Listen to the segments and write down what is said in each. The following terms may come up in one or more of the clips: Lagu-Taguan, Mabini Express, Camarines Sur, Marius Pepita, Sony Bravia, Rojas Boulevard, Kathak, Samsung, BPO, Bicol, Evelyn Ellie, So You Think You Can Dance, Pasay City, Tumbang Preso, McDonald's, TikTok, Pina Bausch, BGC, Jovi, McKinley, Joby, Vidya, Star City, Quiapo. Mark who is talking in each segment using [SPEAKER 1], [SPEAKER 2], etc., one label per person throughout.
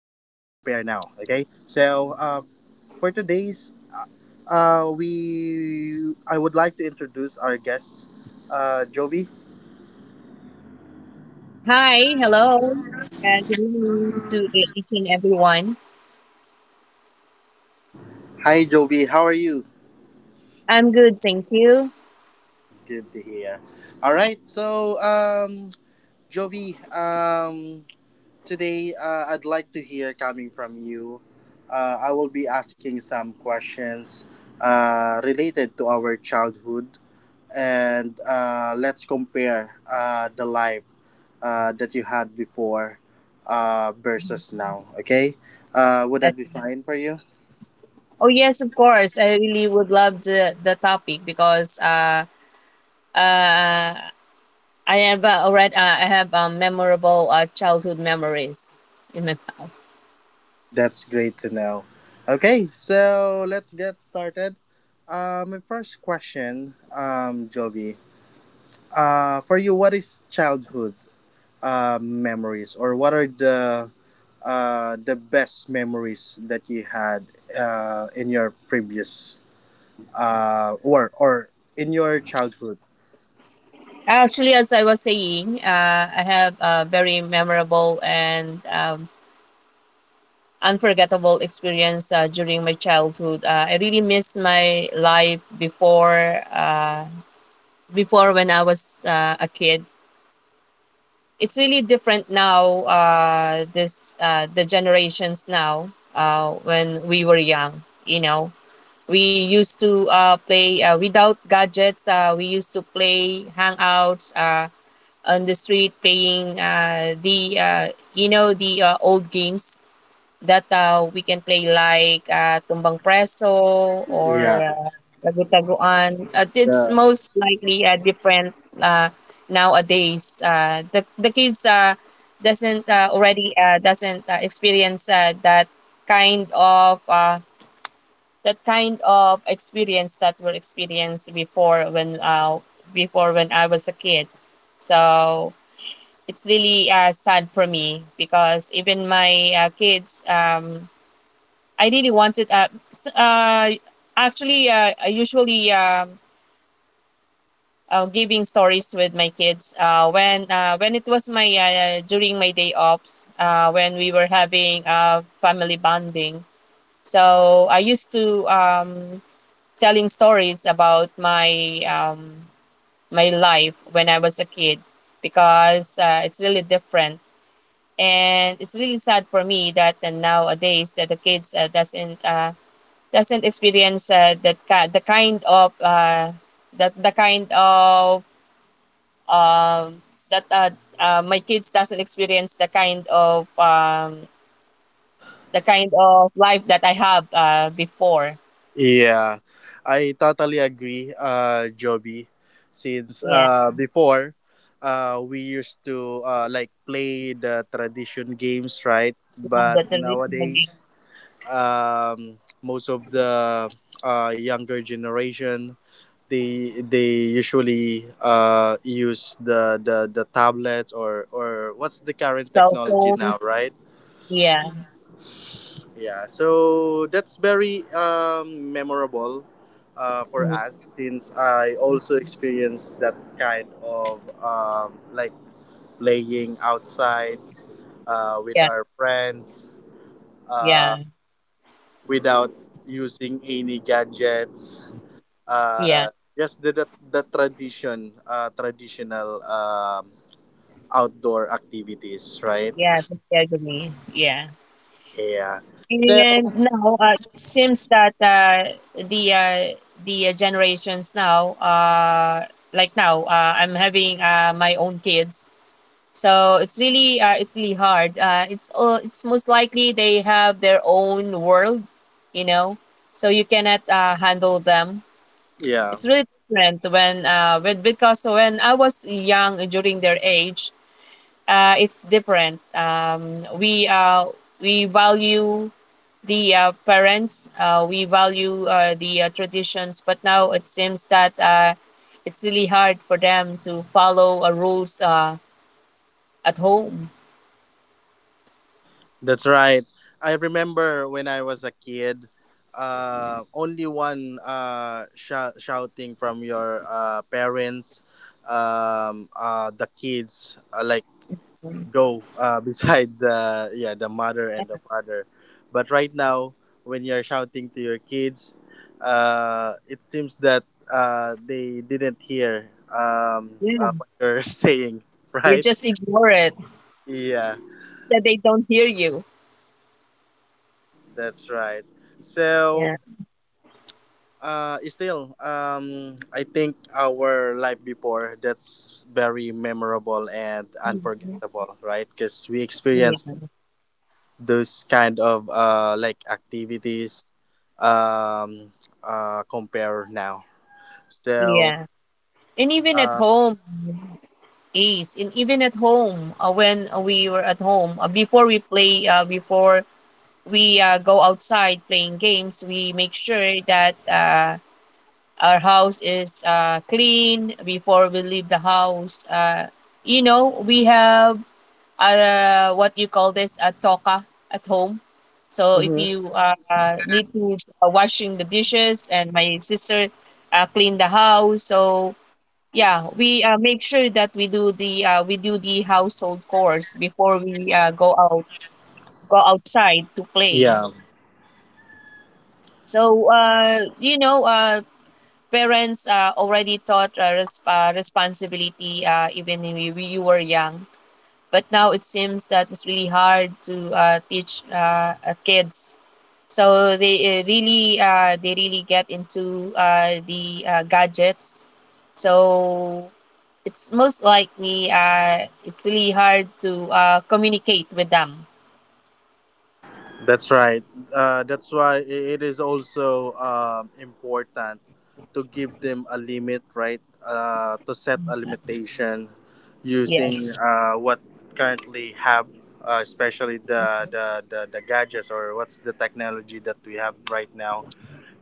[SPEAKER 1] Okay. So for today's, uh, we I would like to introduce our guest, Joby.
[SPEAKER 2] Hi, hello. Yeah, good evening to each and everyone.
[SPEAKER 1] Hi, Joby. How are you?
[SPEAKER 2] I'm good, thank you.
[SPEAKER 1] Good to hear. All right. So Jovi, today I'd like to hear coming from you. I will be asking some questions related to our childhood, and let's compare the life that you had before versus now. Okay, would
[SPEAKER 2] Uh,
[SPEAKER 1] that be fine for you?
[SPEAKER 2] Oh yes, of course. I really would love the topic because uh I have memorable childhood memories in my past.
[SPEAKER 1] That's great to know. Okay, so let's get started. My first question, Jovi. For you, what is childhood memories, or what are the the best memories that you had in your previous or in your childhood?
[SPEAKER 2] Actually, as I was saying, I have a very memorable and unforgettable experience during my childhood. I really miss my life before. Before when I was a kid. It's really different now. This the generations now. When we were young, you know, we used to play without gadgets. We used to play hangouts on the street, playing the the old games that we can play, like Tumbang Preso or
[SPEAKER 1] Yeah,
[SPEAKER 2] Lagu-Taguan. It's
[SPEAKER 1] yeah,
[SPEAKER 2] most likely different uh, nowadays. The kids doesn't already doesn't experience kind of uh, that kind of experience that were experienced before when I was a kid. So it's really sad for me because even my kids, I really wanted. Actually, I usually giving stories with my kids when it was my, during my day offs, when we were having family bonding. So I used to telling stories about my life when I was a kid, because it's really different and it's really sad for me that nowadays that the kids doesn't experience that ki- the kind of that the kind of um, that my kids doesn't experience the kind of life that I have before.
[SPEAKER 1] yeah. I totally agree, Joby. Since
[SPEAKER 2] Yeah,
[SPEAKER 1] before, we used to like play the tradition games, right?
[SPEAKER 2] yeah,
[SPEAKER 1] But
[SPEAKER 2] that the traditional game.
[SPEAKER 1] nowadays, most of the younger generation they usually use the tablets or what's the current
[SPEAKER 2] Cell
[SPEAKER 1] technology now,
[SPEAKER 2] phones.
[SPEAKER 1] right?
[SPEAKER 2] Yeah.
[SPEAKER 1] Yeah, so that's very memorable for
[SPEAKER 2] Mhm.
[SPEAKER 1] us, since I also experienced that kind of like playing outside with
[SPEAKER 2] Yeah,
[SPEAKER 1] our friends, uh,
[SPEAKER 2] yeah,
[SPEAKER 1] without using any gadgets,
[SPEAKER 2] yeah.
[SPEAKER 1] uh just the tradition traditional, outdoor activities, right?
[SPEAKER 2] Yeah, totally agree. Yeah.
[SPEAKER 1] Yeah, so
[SPEAKER 2] And now it seems that the generations now, like now, I'm having my own kids, so it's really hard. It's most likely they have their own world, you know, so you cannot handle them.
[SPEAKER 1] yeah,
[SPEAKER 2] It's really different when, with, because when I was young during their age, it's different. We value the, parents, we value the, traditions, but now it seems that it's really hard for them to follow rules at home.
[SPEAKER 1] that's right. I remember when I was a kid, only one shouting from your parents, the kids, like, go beside the, yeah, the mother and the father. But right now when you're shouting to your kids, it seems that they didn't hear,
[SPEAKER 2] Yeah,
[SPEAKER 1] what you're saying,
[SPEAKER 2] they
[SPEAKER 1] right?
[SPEAKER 2] just ignore it.
[SPEAKER 1] Yeah,
[SPEAKER 2] That they don't hear you.
[SPEAKER 1] that's right.
[SPEAKER 2] Yeah.
[SPEAKER 1] So, still, I think our life before, that's very memorable and
[SPEAKER 2] Mhm.
[SPEAKER 1] unforgettable, right? Because we experienced
[SPEAKER 2] Yeah,
[SPEAKER 1] those kind of like activities, um, compare now. So
[SPEAKER 2] yeah. and even at
[SPEAKER 1] uh,
[SPEAKER 2] home is and even at home when we were at home, before we go outside playing games, we make sure that our house is clean before we leave the house. We have, what you call this, a toka at home. So if
[SPEAKER 1] mhm.
[SPEAKER 2] you need to washing the dishes, and my sister clean the house. So yeah, we make sure that we do the household chores before we go outside to play.
[SPEAKER 1] Yeah,
[SPEAKER 2] So parents already taught responsibility even when you were young. But now it seems that it's really hard to teach, kids. So they really get into the gadgets. So it's most likely it's really hard to communicate with them.
[SPEAKER 1] that's right. That's why, it is also important to give them a limit, right? To set a limitation using
[SPEAKER 2] Yes.
[SPEAKER 1] what currently have, especially the gadgets or what's the technology that we have right now.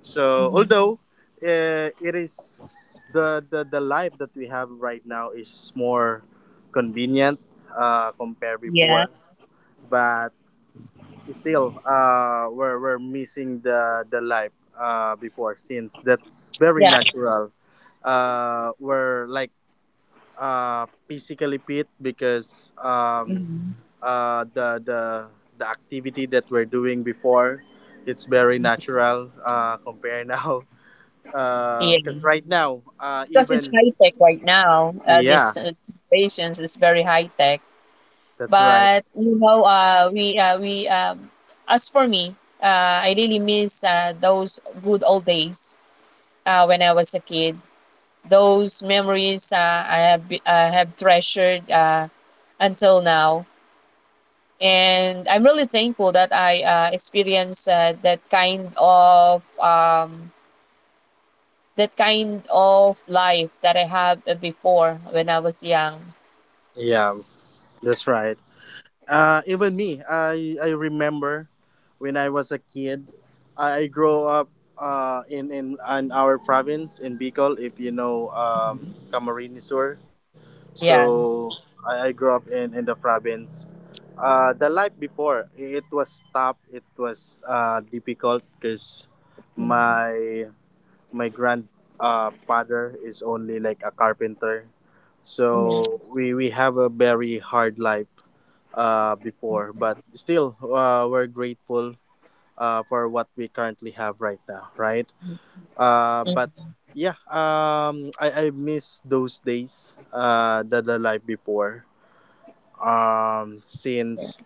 [SPEAKER 1] So,
[SPEAKER 2] Mhm.
[SPEAKER 1] although it is the life that we have right now is more convenient compared
[SPEAKER 2] Yeah.
[SPEAKER 1] before, but still we're missing the life before, since that's very
[SPEAKER 2] Yeah.
[SPEAKER 1] natural. We're like physically fit, because
[SPEAKER 2] Mhm.
[SPEAKER 1] uh the the the activity that we're doing before, it's very natural compare now,
[SPEAKER 2] Yeah.
[SPEAKER 1] because right now
[SPEAKER 2] Because it's
[SPEAKER 1] even,
[SPEAKER 2] high tech right now.
[SPEAKER 1] yeah,
[SPEAKER 2] This patients is very high tech.
[SPEAKER 1] that's right.
[SPEAKER 2] But you know, we as for me, I really miss those good old days when I was a kid. Those memories, I have treasured until now, and I'm really thankful that I experienced that kind of life that I had before when I was young.
[SPEAKER 1] Yeah, that's right. Even me, I remember when I was a kid, I grew up in our province in Bicol, if you know, Camarines Sur.
[SPEAKER 2] Yeah.
[SPEAKER 1] So I grew up in the province. The life before, it was tough, it was difficult, because
[SPEAKER 2] Mhm,
[SPEAKER 1] my grandfather father is only like a carpenter,
[SPEAKER 2] mhm,
[SPEAKER 1] so we have a very hard life before. But still we're grateful for what we currently have right now, right? But
[SPEAKER 2] mhm.
[SPEAKER 1] yeah, I miss those days that the life before, since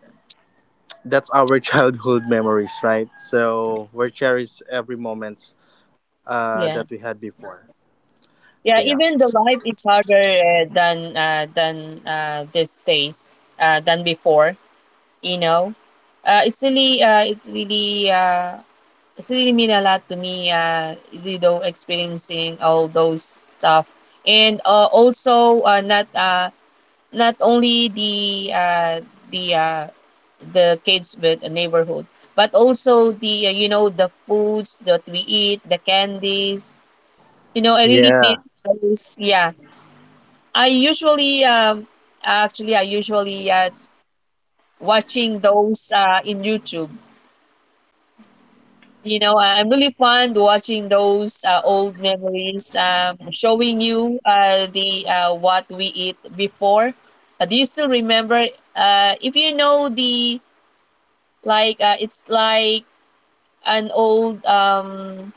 [SPEAKER 1] that's our childhood memories, right? So we cherish every moment that we
[SPEAKER 2] Yeah.
[SPEAKER 1] had before. Yeah.
[SPEAKER 2] Yeah, even the life is harder than these days than before, you know. It's really it's really it's really mean a lot to me, you know, experiencing all those stuff, and also, not only the, the uh, the kids with a neighborhood, but also the, you know, the foods that we eat, the candies. You know, I really
[SPEAKER 1] Yeah,
[SPEAKER 2] miss those. Yeah. I usually actually, I usually watching those in YouTube. You know, I'm really fond watching those old memories. Showing you the, what we eat before. Do you still remember? If you know the like It's like an old,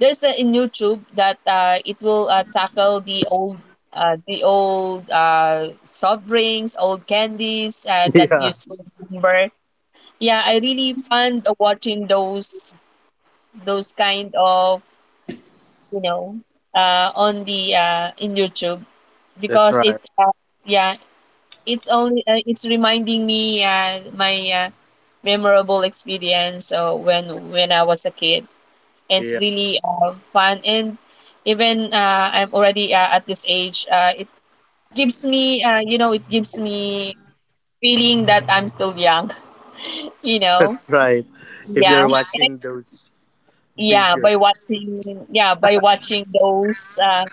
[SPEAKER 2] there's a in YouTube that it will tackle the old, soft drinks, old candies that you
[SPEAKER 1] yeah,
[SPEAKER 2] still remember. Yeah, I really fond of watching those kind of, you know, on the in YouTube,
[SPEAKER 1] that's
[SPEAKER 2] because it
[SPEAKER 1] right.
[SPEAKER 2] yeah it's only it's reminding me my memorable experience, when I was a kid. It's
[SPEAKER 1] Yeah,
[SPEAKER 2] really fun, and even I'm already at this age. It gives me feeling that I'm still young. You know,
[SPEAKER 1] that's right. If
[SPEAKER 2] yeah,
[SPEAKER 1] you're watching those
[SPEAKER 2] yeah. By
[SPEAKER 1] videos.
[SPEAKER 2] watching, yeah, by watching those,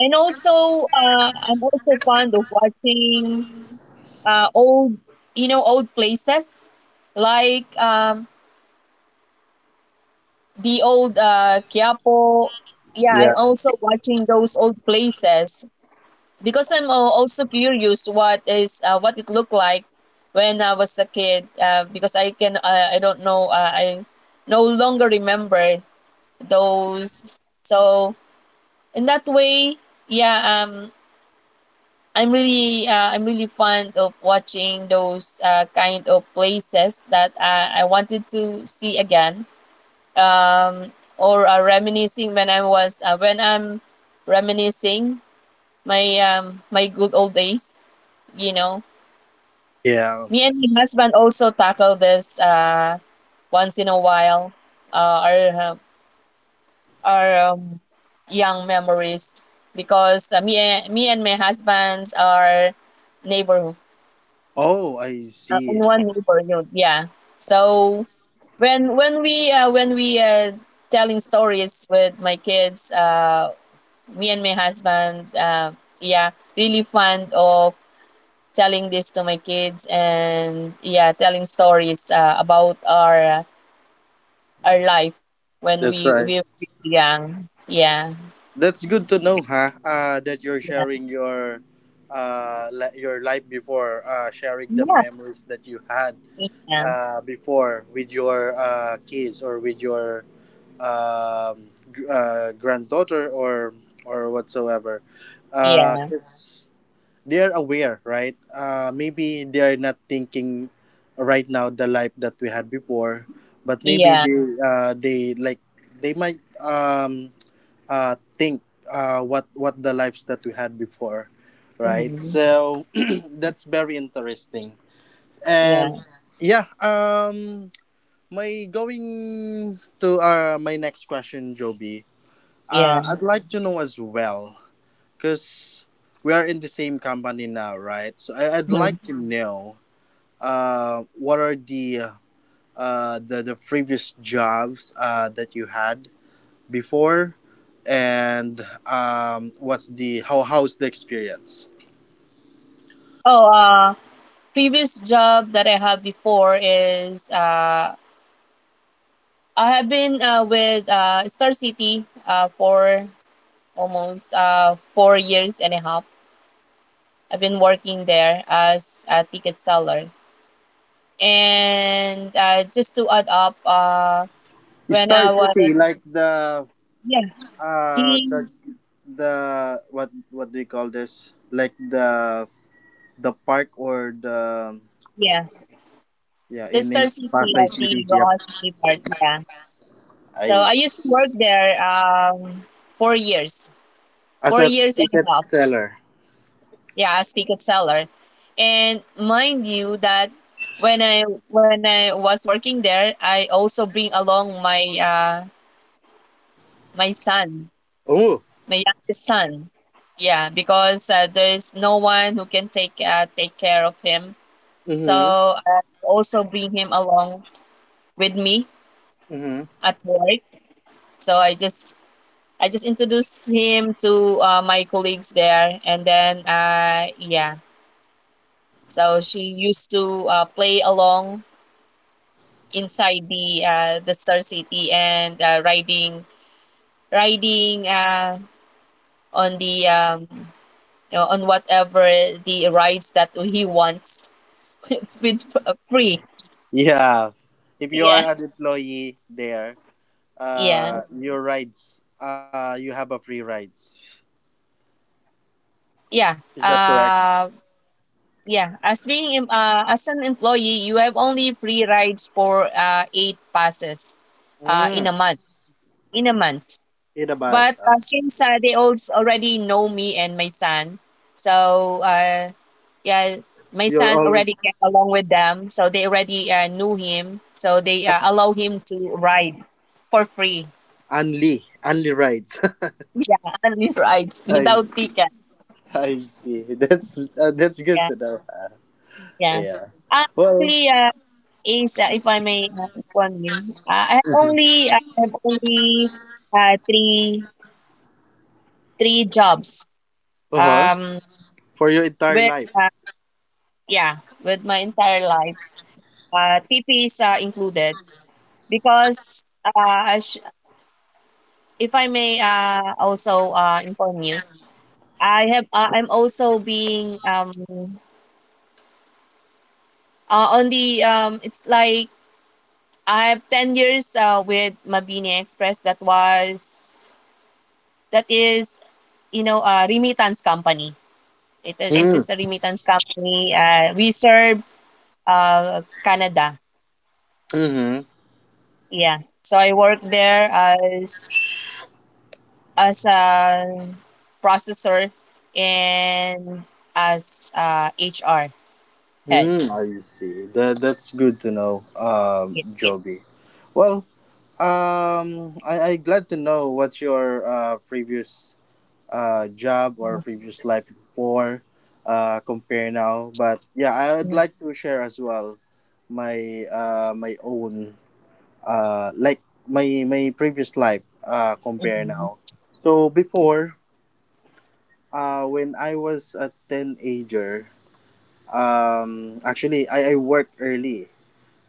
[SPEAKER 2] and also I'm also fond of watching old, you know, old places, like, the old, Quiapo. Yeah, I
[SPEAKER 1] Yeah,
[SPEAKER 2] also watching those old places, because also curious what it looked like when I was a kid, because I don't know, I no longer remember those. So in that way, yeah, I'm really fond of watching those kind of places that I wanted to see again, um or reminiscing, when I'm reminiscing my my good old days, you know.
[SPEAKER 1] yeah.
[SPEAKER 2] Me and my husband also tackle this once in a while, uh, our, uh, our young memories, because me and my husband are neighbor,
[SPEAKER 1] Oh, I
[SPEAKER 2] in
[SPEAKER 1] see.
[SPEAKER 2] one neighborhood, yeah. So when we telling stories with my kids, me and my husband, yeah, really fond of telling this to my kids, and yeah, telling stories about our life when
[SPEAKER 1] That's right.
[SPEAKER 2] we were young. Yeah.
[SPEAKER 1] That's good to know, huh? That you're sharing your life before, sharing the
[SPEAKER 2] Yes.
[SPEAKER 1] memories that you had,
[SPEAKER 2] Yeah.
[SPEAKER 1] before with your kids or with your, granddaughter, or whatsoever,
[SPEAKER 2] Yeah.
[SPEAKER 1] 'cause they're aware, right? Maybe they're not thinking right now the life that we had before, but maybe
[SPEAKER 2] Yeah.
[SPEAKER 1] they like they might, think what the lives that we had before, right?
[SPEAKER 2] Mhm.
[SPEAKER 1] So that's very interesting. And
[SPEAKER 2] Yeah.
[SPEAKER 1] yeah, my going to my next question, Joby.
[SPEAKER 2] Yeah.
[SPEAKER 1] I'd like to know as well, because we are in the same company now, right? So I'd
[SPEAKER 2] Mhm.
[SPEAKER 1] like to know what are the the previous jobs that you had before, and what's the how how's the experience?
[SPEAKER 2] Oh, previous job that I have before is, I have been with Star City for almost 4 years and a half. I've been working there as a ticket seller. And just to add up, when
[SPEAKER 1] Star
[SPEAKER 2] I was,
[SPEAKER 1] City, like the
[SPEAKER 2] yeah,
[SPEAKER 1] uh the
[SPEAKER 2] team,
[SPEAKER 1] the what do you call this? Like the park or the,
[SPEAKER 2] yeah,
[SPEAKER 1] yeah,
[SPEAKER 2] the
[SPEAKER 1] in
[SPEAKER 2] Star
[SPEAKER 1] in
[SPEAKER 2] City
[SPEAKER 1] Pasay
[SPEAKER 2] at the
[SPEAKER 1] City. Yep.
[SPEAKER 2] Rojas Boulevard. Yeah. So
[SPEAKER 1] I
[SPEAKER 2] I used to work there 4 years,
[SPEAKER 1] as
[SPEAKER 2] four
[SPEAKER 1] a
[SPEAKER 2] years and a
[SPEAKER 1] ticket
[SPEAKER 2] half.
[SPEAKER 1] seller.
[SPEAKER 2] Yeah, as ticket seller, and mind you that when I when I was working there, I also bring along my son,
[SPEAKER 1] Oh.
[SPEAKER 2] my youngest son. Yeah, because there is no one who can take care of him. So
[SPEAKER 1] Mm-hmm.
[SPEAKER 2] I also bring him along with me
[SPEAKER 1] Mm-hmm.
[SPEAKER 2] at work. So I just introduced him to my colleagues there, and then yeah, so she used to play along inside the Star City, and riding on the, you know, on whatever the rides that he wants, with free.
[SPEAKER 1] Yeah. If you are
[SPEAKER 2] Yeah,
[SPEAKER 1] an employee there,
[SPEAKER 2] yeah,
[SPEAKER 1] your rides, you have a free rides.
[SPEAKER 2] yeah.
[SPEAKER 1] Is that correct?
[SPEAKER 2] Yeah. As an employee, you have only free rides for eight passes in
[SPEAKER 1] Mm.
[SPEAKER 2] a month in a month.
[SPEAKER 1] In a bad.
[SPEAKER 2] But since they also already know me and my son, so yeah, my
[SPEAKER 1] You're
[SPEAKER 2] son already
[SPEAKER 1] always
[SPEAKER 2] get along with them, so they already knew him, so they allow him to ride for free.
[SPEAKER 1] only rides.
[SPEAKER 2] Yeah, only rides
[SPEAKER 1] I
[SPEAKER 2] without ticket.
[SPEAKER 1] I see. That's good
[SPEAKER 2] Yeah,
[SPEAKER 1] to know.
[SPEAKER 2] yeah.
[SPEAKER 1] Yeah. Well.
[SPEAKER 2] Actually, is if I may inform you, I have only uh, three three jobs.
[SPEAKER 1] Uh huh.
[SPEAKER 2] Um,
[SPEAKER 1] For your entire
[SPEAKER 2] with
[SPEAKER 1] life.
[SPEAKER 2] Yeah, with my entire life. TP is included, because if I may also inform you, I'm also being, on the it's like I have 10 years with Mabini Express, that is, you know, a remittance company. It
[SPEAKER 1] Mm.
[SPEAKER 2] is a remittance company. We serve Canada.
[SPEAKER 1] Mm-hmm.
[SPEAKER 2] Yeah. So I work there as a processor and as a HR head.
[SPEAKER 1] Hmm, I see. That's good to know,
[SPEAKER 2] Yeah.
[SPEAKER 1] Joby. Well, I glad to know what's your previous job or previous life before, compare now. But yeah, I'd
[SPEAKER 2] Mhm,
[SPEAKER 1] like to share as well, my own like my previous life compare
[SPEAKER 2] mhm,
[SPEAKER 1] now. So before, when I was a teenager, actually I worked early.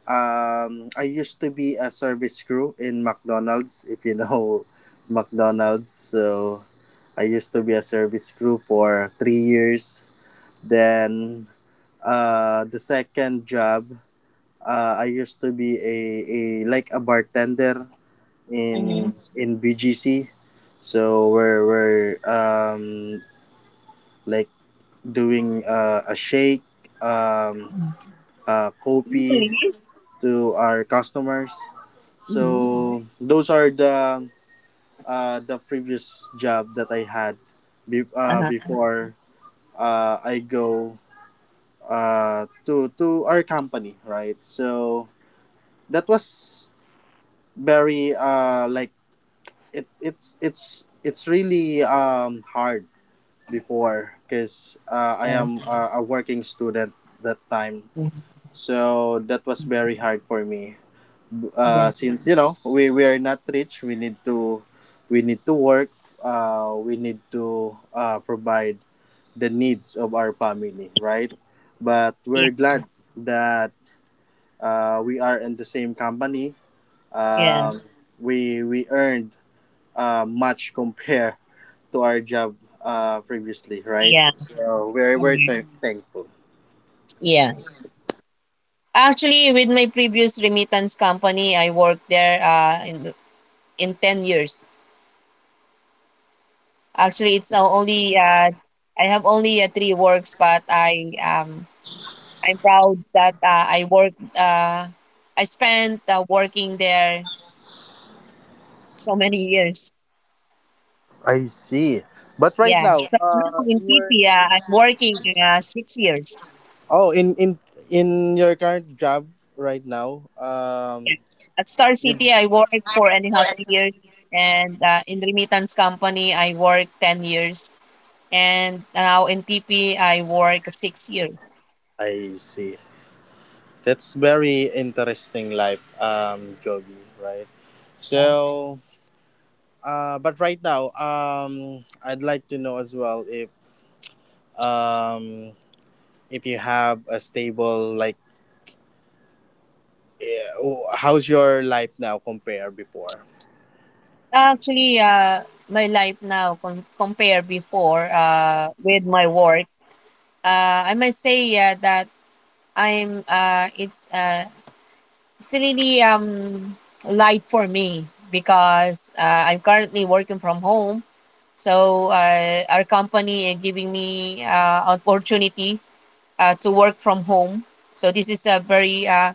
[SPEAKER 1] I used to be a service crew in McDonald's, if you know McDonald's. So I used to be a service crew for 3 years. Then the second job, I used to be a like a bartender
[SPEAKER 2] mhm,
[SPEAKER 1] in
[SPEAKER 2] mhm,
[SPEAKER 1] in BGC. So we're like doing a shake, um,
[SPEAKER 2] mhm.
[SPEAKER 1] copy
[SPEAKER 2] Really?
[SPEAKER 1] to our customers.
[SPEAKER 2] Mhm.
[SPEAKER 1] So those are the previous job that I had,
[SPEAKER 2] Uh-huh.
[SPEAKER 1] before I go to our company, right? So that was very like, it it's really hard before because I am a working student that time.
[SPEAKER 2] Mhm.
[SPEAKER 1] So that was very hard for me, uh,
[SPEAKER 2] Yeah.
[SPEAKER 1] since you know we are not rich, we need to, work. We need to provide the needs of our family, right? But
[SPEAKER 2] Yeah.
[SPEAKER 1] we're glad that we are in the same company,
[SPEAKER 2] Yeah.
[SPEAKER 1] um, we earned much compared to our job previously, right?
[SPEAKER 2] Yeah.
[SPEAKER 1] So we're
[SPEAKER 2] Mhm.
[SPEAKER 1] thankful.
[SPEAKER 2] Yeah. Actually, with my previous remittance company, I worked there in 10 years. Actually, I have only three works, but I'm proud that I spent working there so many years.
[SPEAKER 1] I see, but right
[SPEAKER 2] Yeah.
[SPEAKER 1] now
[SPEAKER 2] So now in
[SPEAKER 1] in your...
[SPEAKER 2] PP, I'm working 6 years.
[SPEAKER 1] Oh, in your current job right now,
[SPEAKER 2] Yeah. At Star
[SPEAKER 1] you.
[SPEAKER 2] City, I worked four and a half years. And in remittance company, I worked 10 years. And now in PP, I work 6 years.
[SPEAKER 1] I see. That's very interesting life, Joby, right?
[SPEAKER 2] Yeah.
[SPEAKER 1] So, but right now, I'd like to know as well, um, if you have a stable like, eh, how's your life now compare before?
[SPEAKER 2] Actually, my life now compare before with my work, I must say that I'm it's really light for me because I'm currently working from home. So our company is giving me opportunity to work from home. So this is a very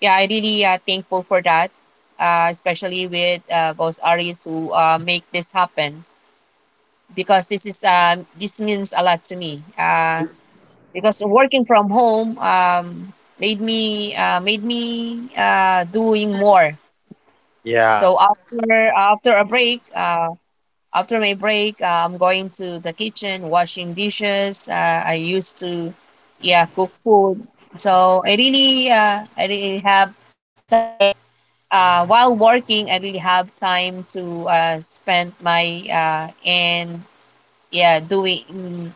[SPEAKER 2] yeah, I really thankful for that, especially with both Aries who make this happen because this means a lot to me. Because working from home, made me doing more.
[SPEAKER 1] Yeah.
[SPEAKER 2] So after a break, I'm going to the kitchen, washing dishes. I used to, yeah, cook food. So I really have time. While working, I really have time to spend my and yeah doing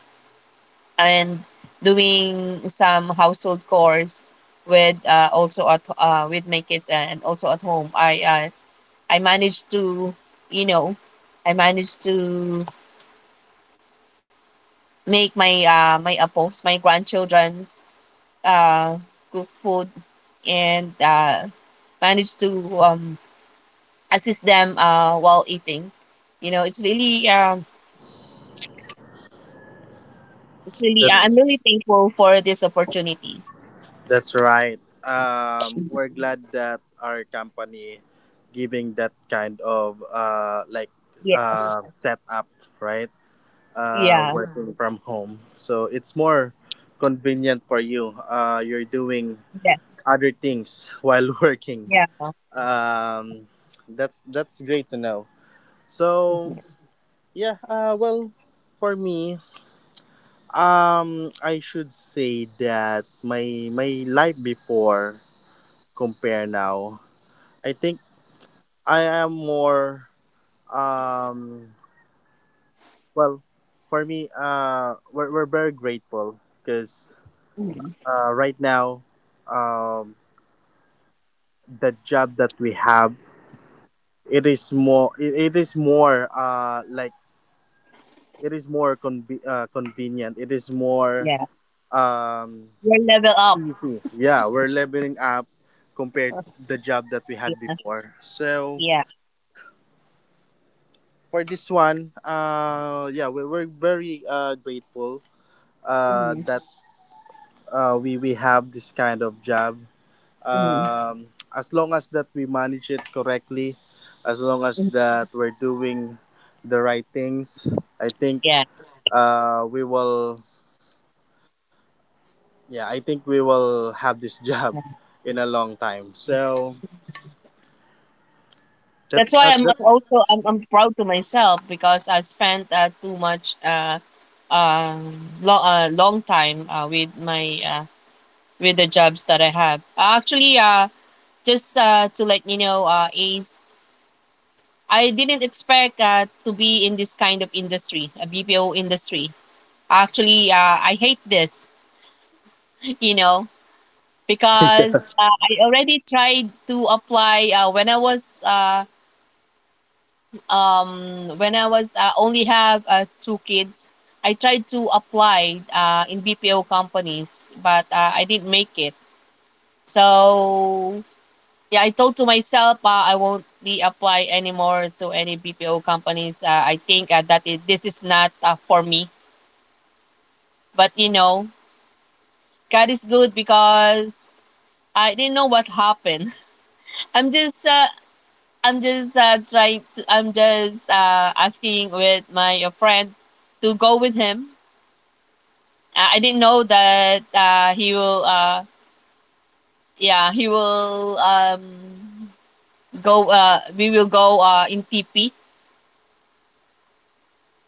[SPEAKER 2] and doing some household chores with also at with my kids, and also at home i managed to you know I managed to make my grandchildren's uh, cook food, and managed to um, assist them while eating. you know it's really um, it's really, I'm
[SPEAKER 1] that's.
[SPEAKER 2] really thankful for this opportunity.
[SPEAKER 1] That's right. We're glad that our company giving that kind of like,
[SPEAKER 2] Yes.
[SPEAKER 1] setup, right?
[SPEAKER 2] Yeah.
[SPEAKER 1] Working from home, so it's more convenient for you. You're doing
[SPEAKER 2] Yes.
[SPEAKER 1] other things while working.
[SPEAKER 2] Yeah.
[SPEAKER 1] Um, that's great to know. So yeah, well, for me, I should say that my life before, compare now, I think I am more, um well, for me, we're very grateful, because
[SPEAKER 2] Mhm.
[SPEAKER 1] right now, um the job that we have, it is more, it is more like, it is more convenient, it is more
[SPEAKER 2] Yeah.
[SPEAKER 1] um
[SPEAKER 2] Your level up.
[SPEAKER 1] easy. Yeah, we're leveling up compared the job that we
[SPEAKER 2] Yeah.
[SPEAKER 1] had before, so
[SPEAKER 2] Yeah.
[SPEAKER 1] for this one yeah, we're very grateful
[SPEAKER 2] Mhm.
[SPEAKER 1] that we have this kind of job.
[SPEAKER 2] Mhm.
[SPEAKER 1] Um, as long as that we manage it correctly, as long as
[SPEAKER 2] Mhm.
[SPEAKER 1] that we're doing the right things, I think
[SPEAKER 2] Yeah.
[SPEAKER 1] we will. Yeah, I think we will have this job in a long time. So
[SPEAKER 2] That's why I'm
[SPEAKER 1] that.
[SPEAKER 2] I'm also I'm proud to myself, because I spent too much long time with the jobs that I have. Actually, just to let you know, is I didn't expect to be in this kind of industry, a BPO industry. Actually, I hate this, you know. Because I already tried to apply when I was only have two kids. I tried to apply in BPO companies, but I didn't make it. So yeah, I told to myself I won't be apply anymore to any BPO companies. I think this is not for me. But you know, God is good because I didn't know what happened. I'm just uh, I'm just asking with my friend to go with him. I didn't know that he will. Yeah, he will go. We will go in TP.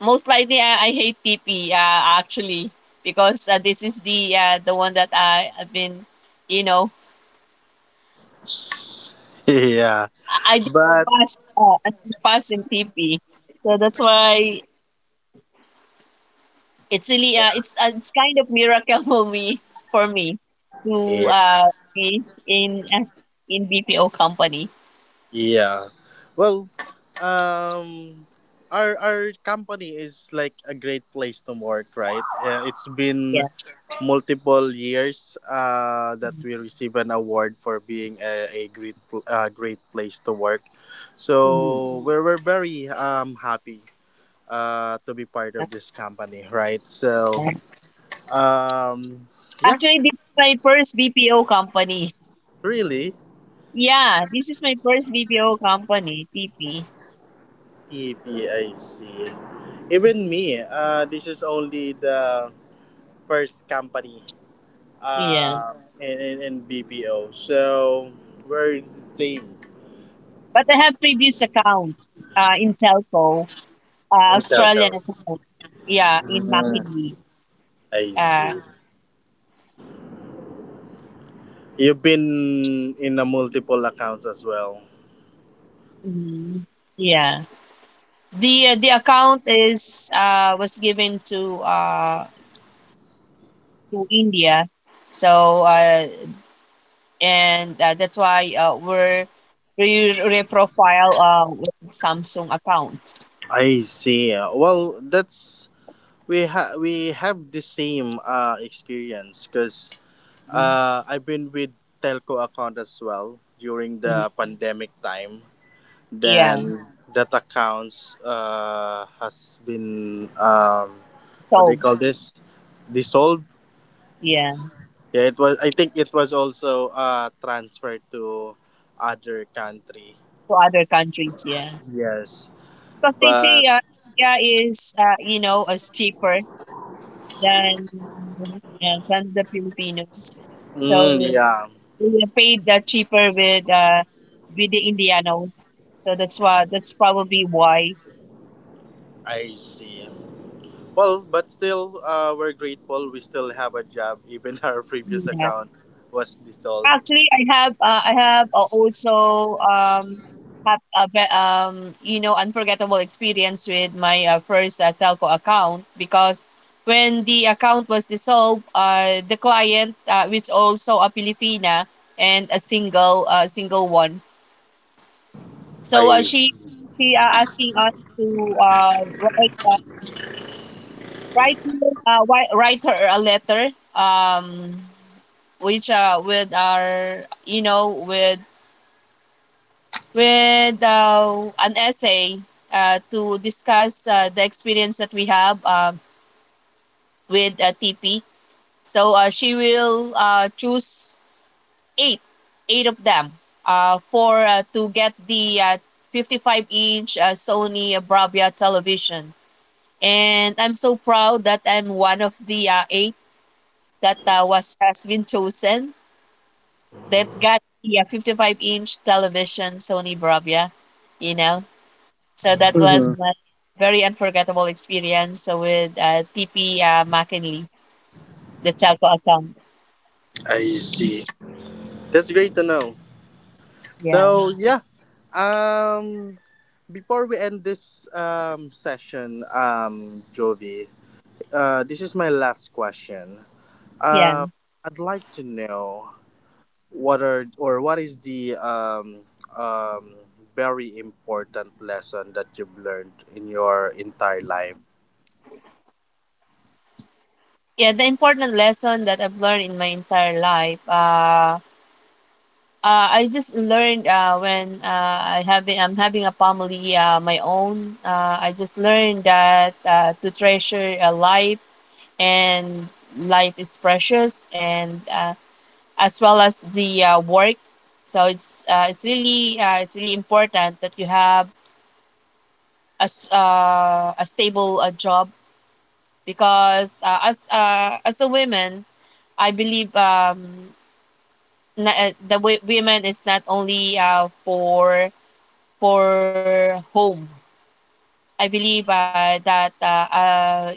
[SPEAKER 2] Most likely, I hate TP. Actually, because this is the one that I have been. You know,
[SPEAKER 1] Yeah,
[SPEAKER 2] I didn't
[SPEAKER 1] but
[SPEAKER 2] pass. I didn't pass in TP, so that's why. It's really it's kind of miracle for me to
[SPEAKER 1] yeah.
[SPEAKER 2] be in in BPO company.
[SPEAKER 1] Yeah. Well, um, our company is like a great place to work, right? It's
[SPEAKER 2] Yeah.
[SPEAKER 1] been multiple years that we receive an award for being a great place to work.
[SPEAKER 2] Mhm.
[SPEAKER 1] So we're very happy to be part of this company, right? So
[SPEAKER 2] Okay.
[SPEAKER 1] um, yeah,
[SPEAKER 2] Actually, this is my first BPO company.
[SPEAKER 1] really
[SPEAKER 2] Yeah, this is my first BPO company, TP.
[SPEAKER 1] EPIC. Even me, this is only the first company,
[SPEAKER 2] Yeah.
[SPEAKER 1] in BPO. So we're the same
[SPEAKER 2] But I have previous account in telco,
[SPEAKER 1] in telco.
[SPEAKER 2] Australian account. Yeah, in
[SPEAKER 1] Mm,
[SPEAKER 2] McKinley.
[SPEAKER 1] I see.
[SPEAKER 2] Uh,
[SPEAKER 1] You've been in a multiple accounts as well.
[SPEAKER 2] mm, yeah. The account is was given to India. So and that's why we reprofile with Samsung account.
[SPEAKER 1] I see. Well, that's, we have the same experience because I've been with telco account as well during
[SPEAKER 2] Mhm.
[SPEAKER 1] the pandemic time.
[SPEAKER 2] Yeah.
[SPEAKER 1] Then that accounts has been, what they
[SPEAKER 2] So
[SPEAKER 1] call this, dissolved.
[SPEAKER 2] yeah,
[SPEAKER 1] Yeah, it was, I think it was also transferred to other country.
[SPEAKER 2] to other countries. Yeah,
[SPEAKER 1] Yes,
[SPEAKER 2] because they
[SPEAKER 1] but
[SPEAKER 2] say India is you know, is cheaper than than the Filipinos. So
[SPEAKER 1] mm, yeah.
[SPEAKER 2] we are paid cheaper with the Indianos. So that's why, that's probably why.
[SPEAKER 1] I see. Well, but still we're grateful we still have a job, even our previous
[SPEAKER 2] Yeah.
[SPEAKER 1] account was dissolved.
[SPEAKER 2] Actually, I have also have a you know, unforgettable experience with my first telco account, because when the account was dissolved, the client, which also a Filipina and a single, single one. So
[SPEAKER 1] I,
[SPEAKER 2] she asking us to uh, write uh, write write her a letter, um which with our, you know, with an essay to discuss the experience that we have with TP. So she will choose eight, eight of them for to get the 55 inch Sony Bravia television. And I'm so proud that I'm one of the eight that was has been chosen, that got the 55-inch television Sony Bravia, you know. So that was
[SPEAKER 1] mhm.
[SPEAKER 2] my very unforgettable experience so with TP McKinley, the telco account.
[SPEAKER 1] I see, that's great to know.
[SPEAKER 2] Yeah,
[SPEAKER 1] So yeah. um Before we end this session, Jovi, this is my last question. Um,
[SPEAKER 2] yeah,
[SPEAKER 1] I'd like to know what are, or what is the um, very important lesson that you've learned in your entire life.
[SPEAKER 2] yeah. The important lesson that I've learned in my entire life. I just learned when I'm having a family my own. I just learned that to treasure a life, and life is precious, and as well as the work. So it's really important that you have, as a stable job, because as a woman, I believe the women is not only for home. I believe that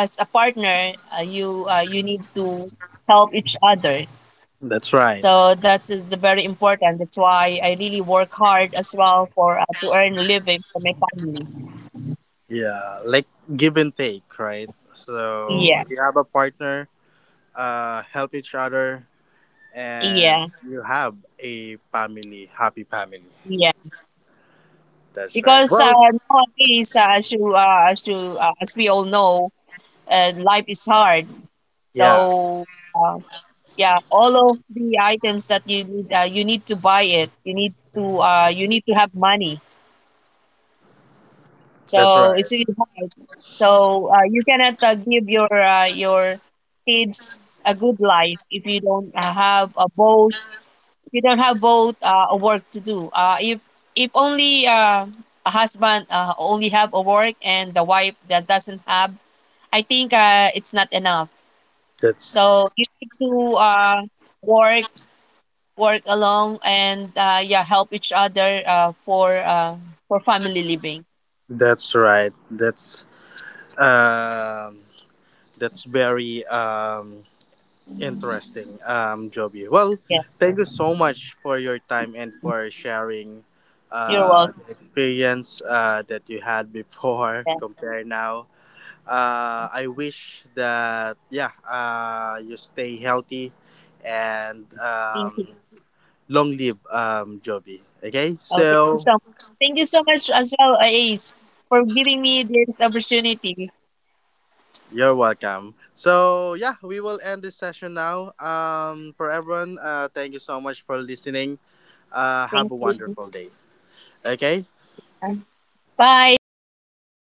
[SPEAKER 2] as a partner, you need to help each other.
[SPEAKER 1] That's right.
[SPEAKER 2] So that's the very important, that's why I really work hard as well for to earn a living for my family.
[SPEAKER 1] Yeah, like give and take, right? So
[SPEAKER 2] Yeah,
[SPEAKER 1] you have a partner, help each other, and
[SPEAKER 2] yeah,
[SPEAKER 1] you have a family, happy family.
[SPEAKER 2] yeah.
[SPEAKER 1] That's right.
[SPEAKER 2] Because
[SPEAKER 1] Well,
[SPEAKER 2] nowadays, as we all know, life is hard.
[SPEAKER 1] yeah,
[SPEAKER 2] So uh, yeah, all of the items that you need to buy it. You need to have money.
[SPEAKER 1] that's
[SPEAKER 2] So
[SPEAKER 1] right.
[SPEAKER 2] it's really hard. So you cannot give your kids a good life if you don't have a both, we don't have both a work to do. If only a husband only have a work, and the wife that doesn't have, I think it's not enough.
[SPEAKER 1] That's
[SPEAKER 2] So you need to work, work along, and yeah, help each other for family living.
[SPEAKER 1] that's right. Um that's very interesting, Joby. Well,
[SPEAKER 2] Yeah,
[SPEAKER 1] thank you so much for your time and for sharing
[SPEAKER 2] you're welcome.
[SPEAKER 1] the experience that you had before
[SPEAKER 2] Yeah.
[SPEAKER 1] compared now. I wish that, yeah, you stay healthy and,
[SPEAKER 2] Thank you.
[SPEAKER 1] long live, Joby. Okay,
[SPEAKER 2] Oh,
[SPEAKER 1] so
[SPEAKER 2] thank you so much as well, Ace, for giving me this opportunity.
[SPEAKER 1] you're welcome. So yeah, we will end this session now. For everyone, thank you so much for listening. Have
[SPEAKER 2] Thank
[SPEAKER 1] a
[SPEAKER 2] you.
[SPEAKER 1] wonderful day. Okay.
[SPEAKER 2] Yeah. Bye.
[SPEAKER 1] Um,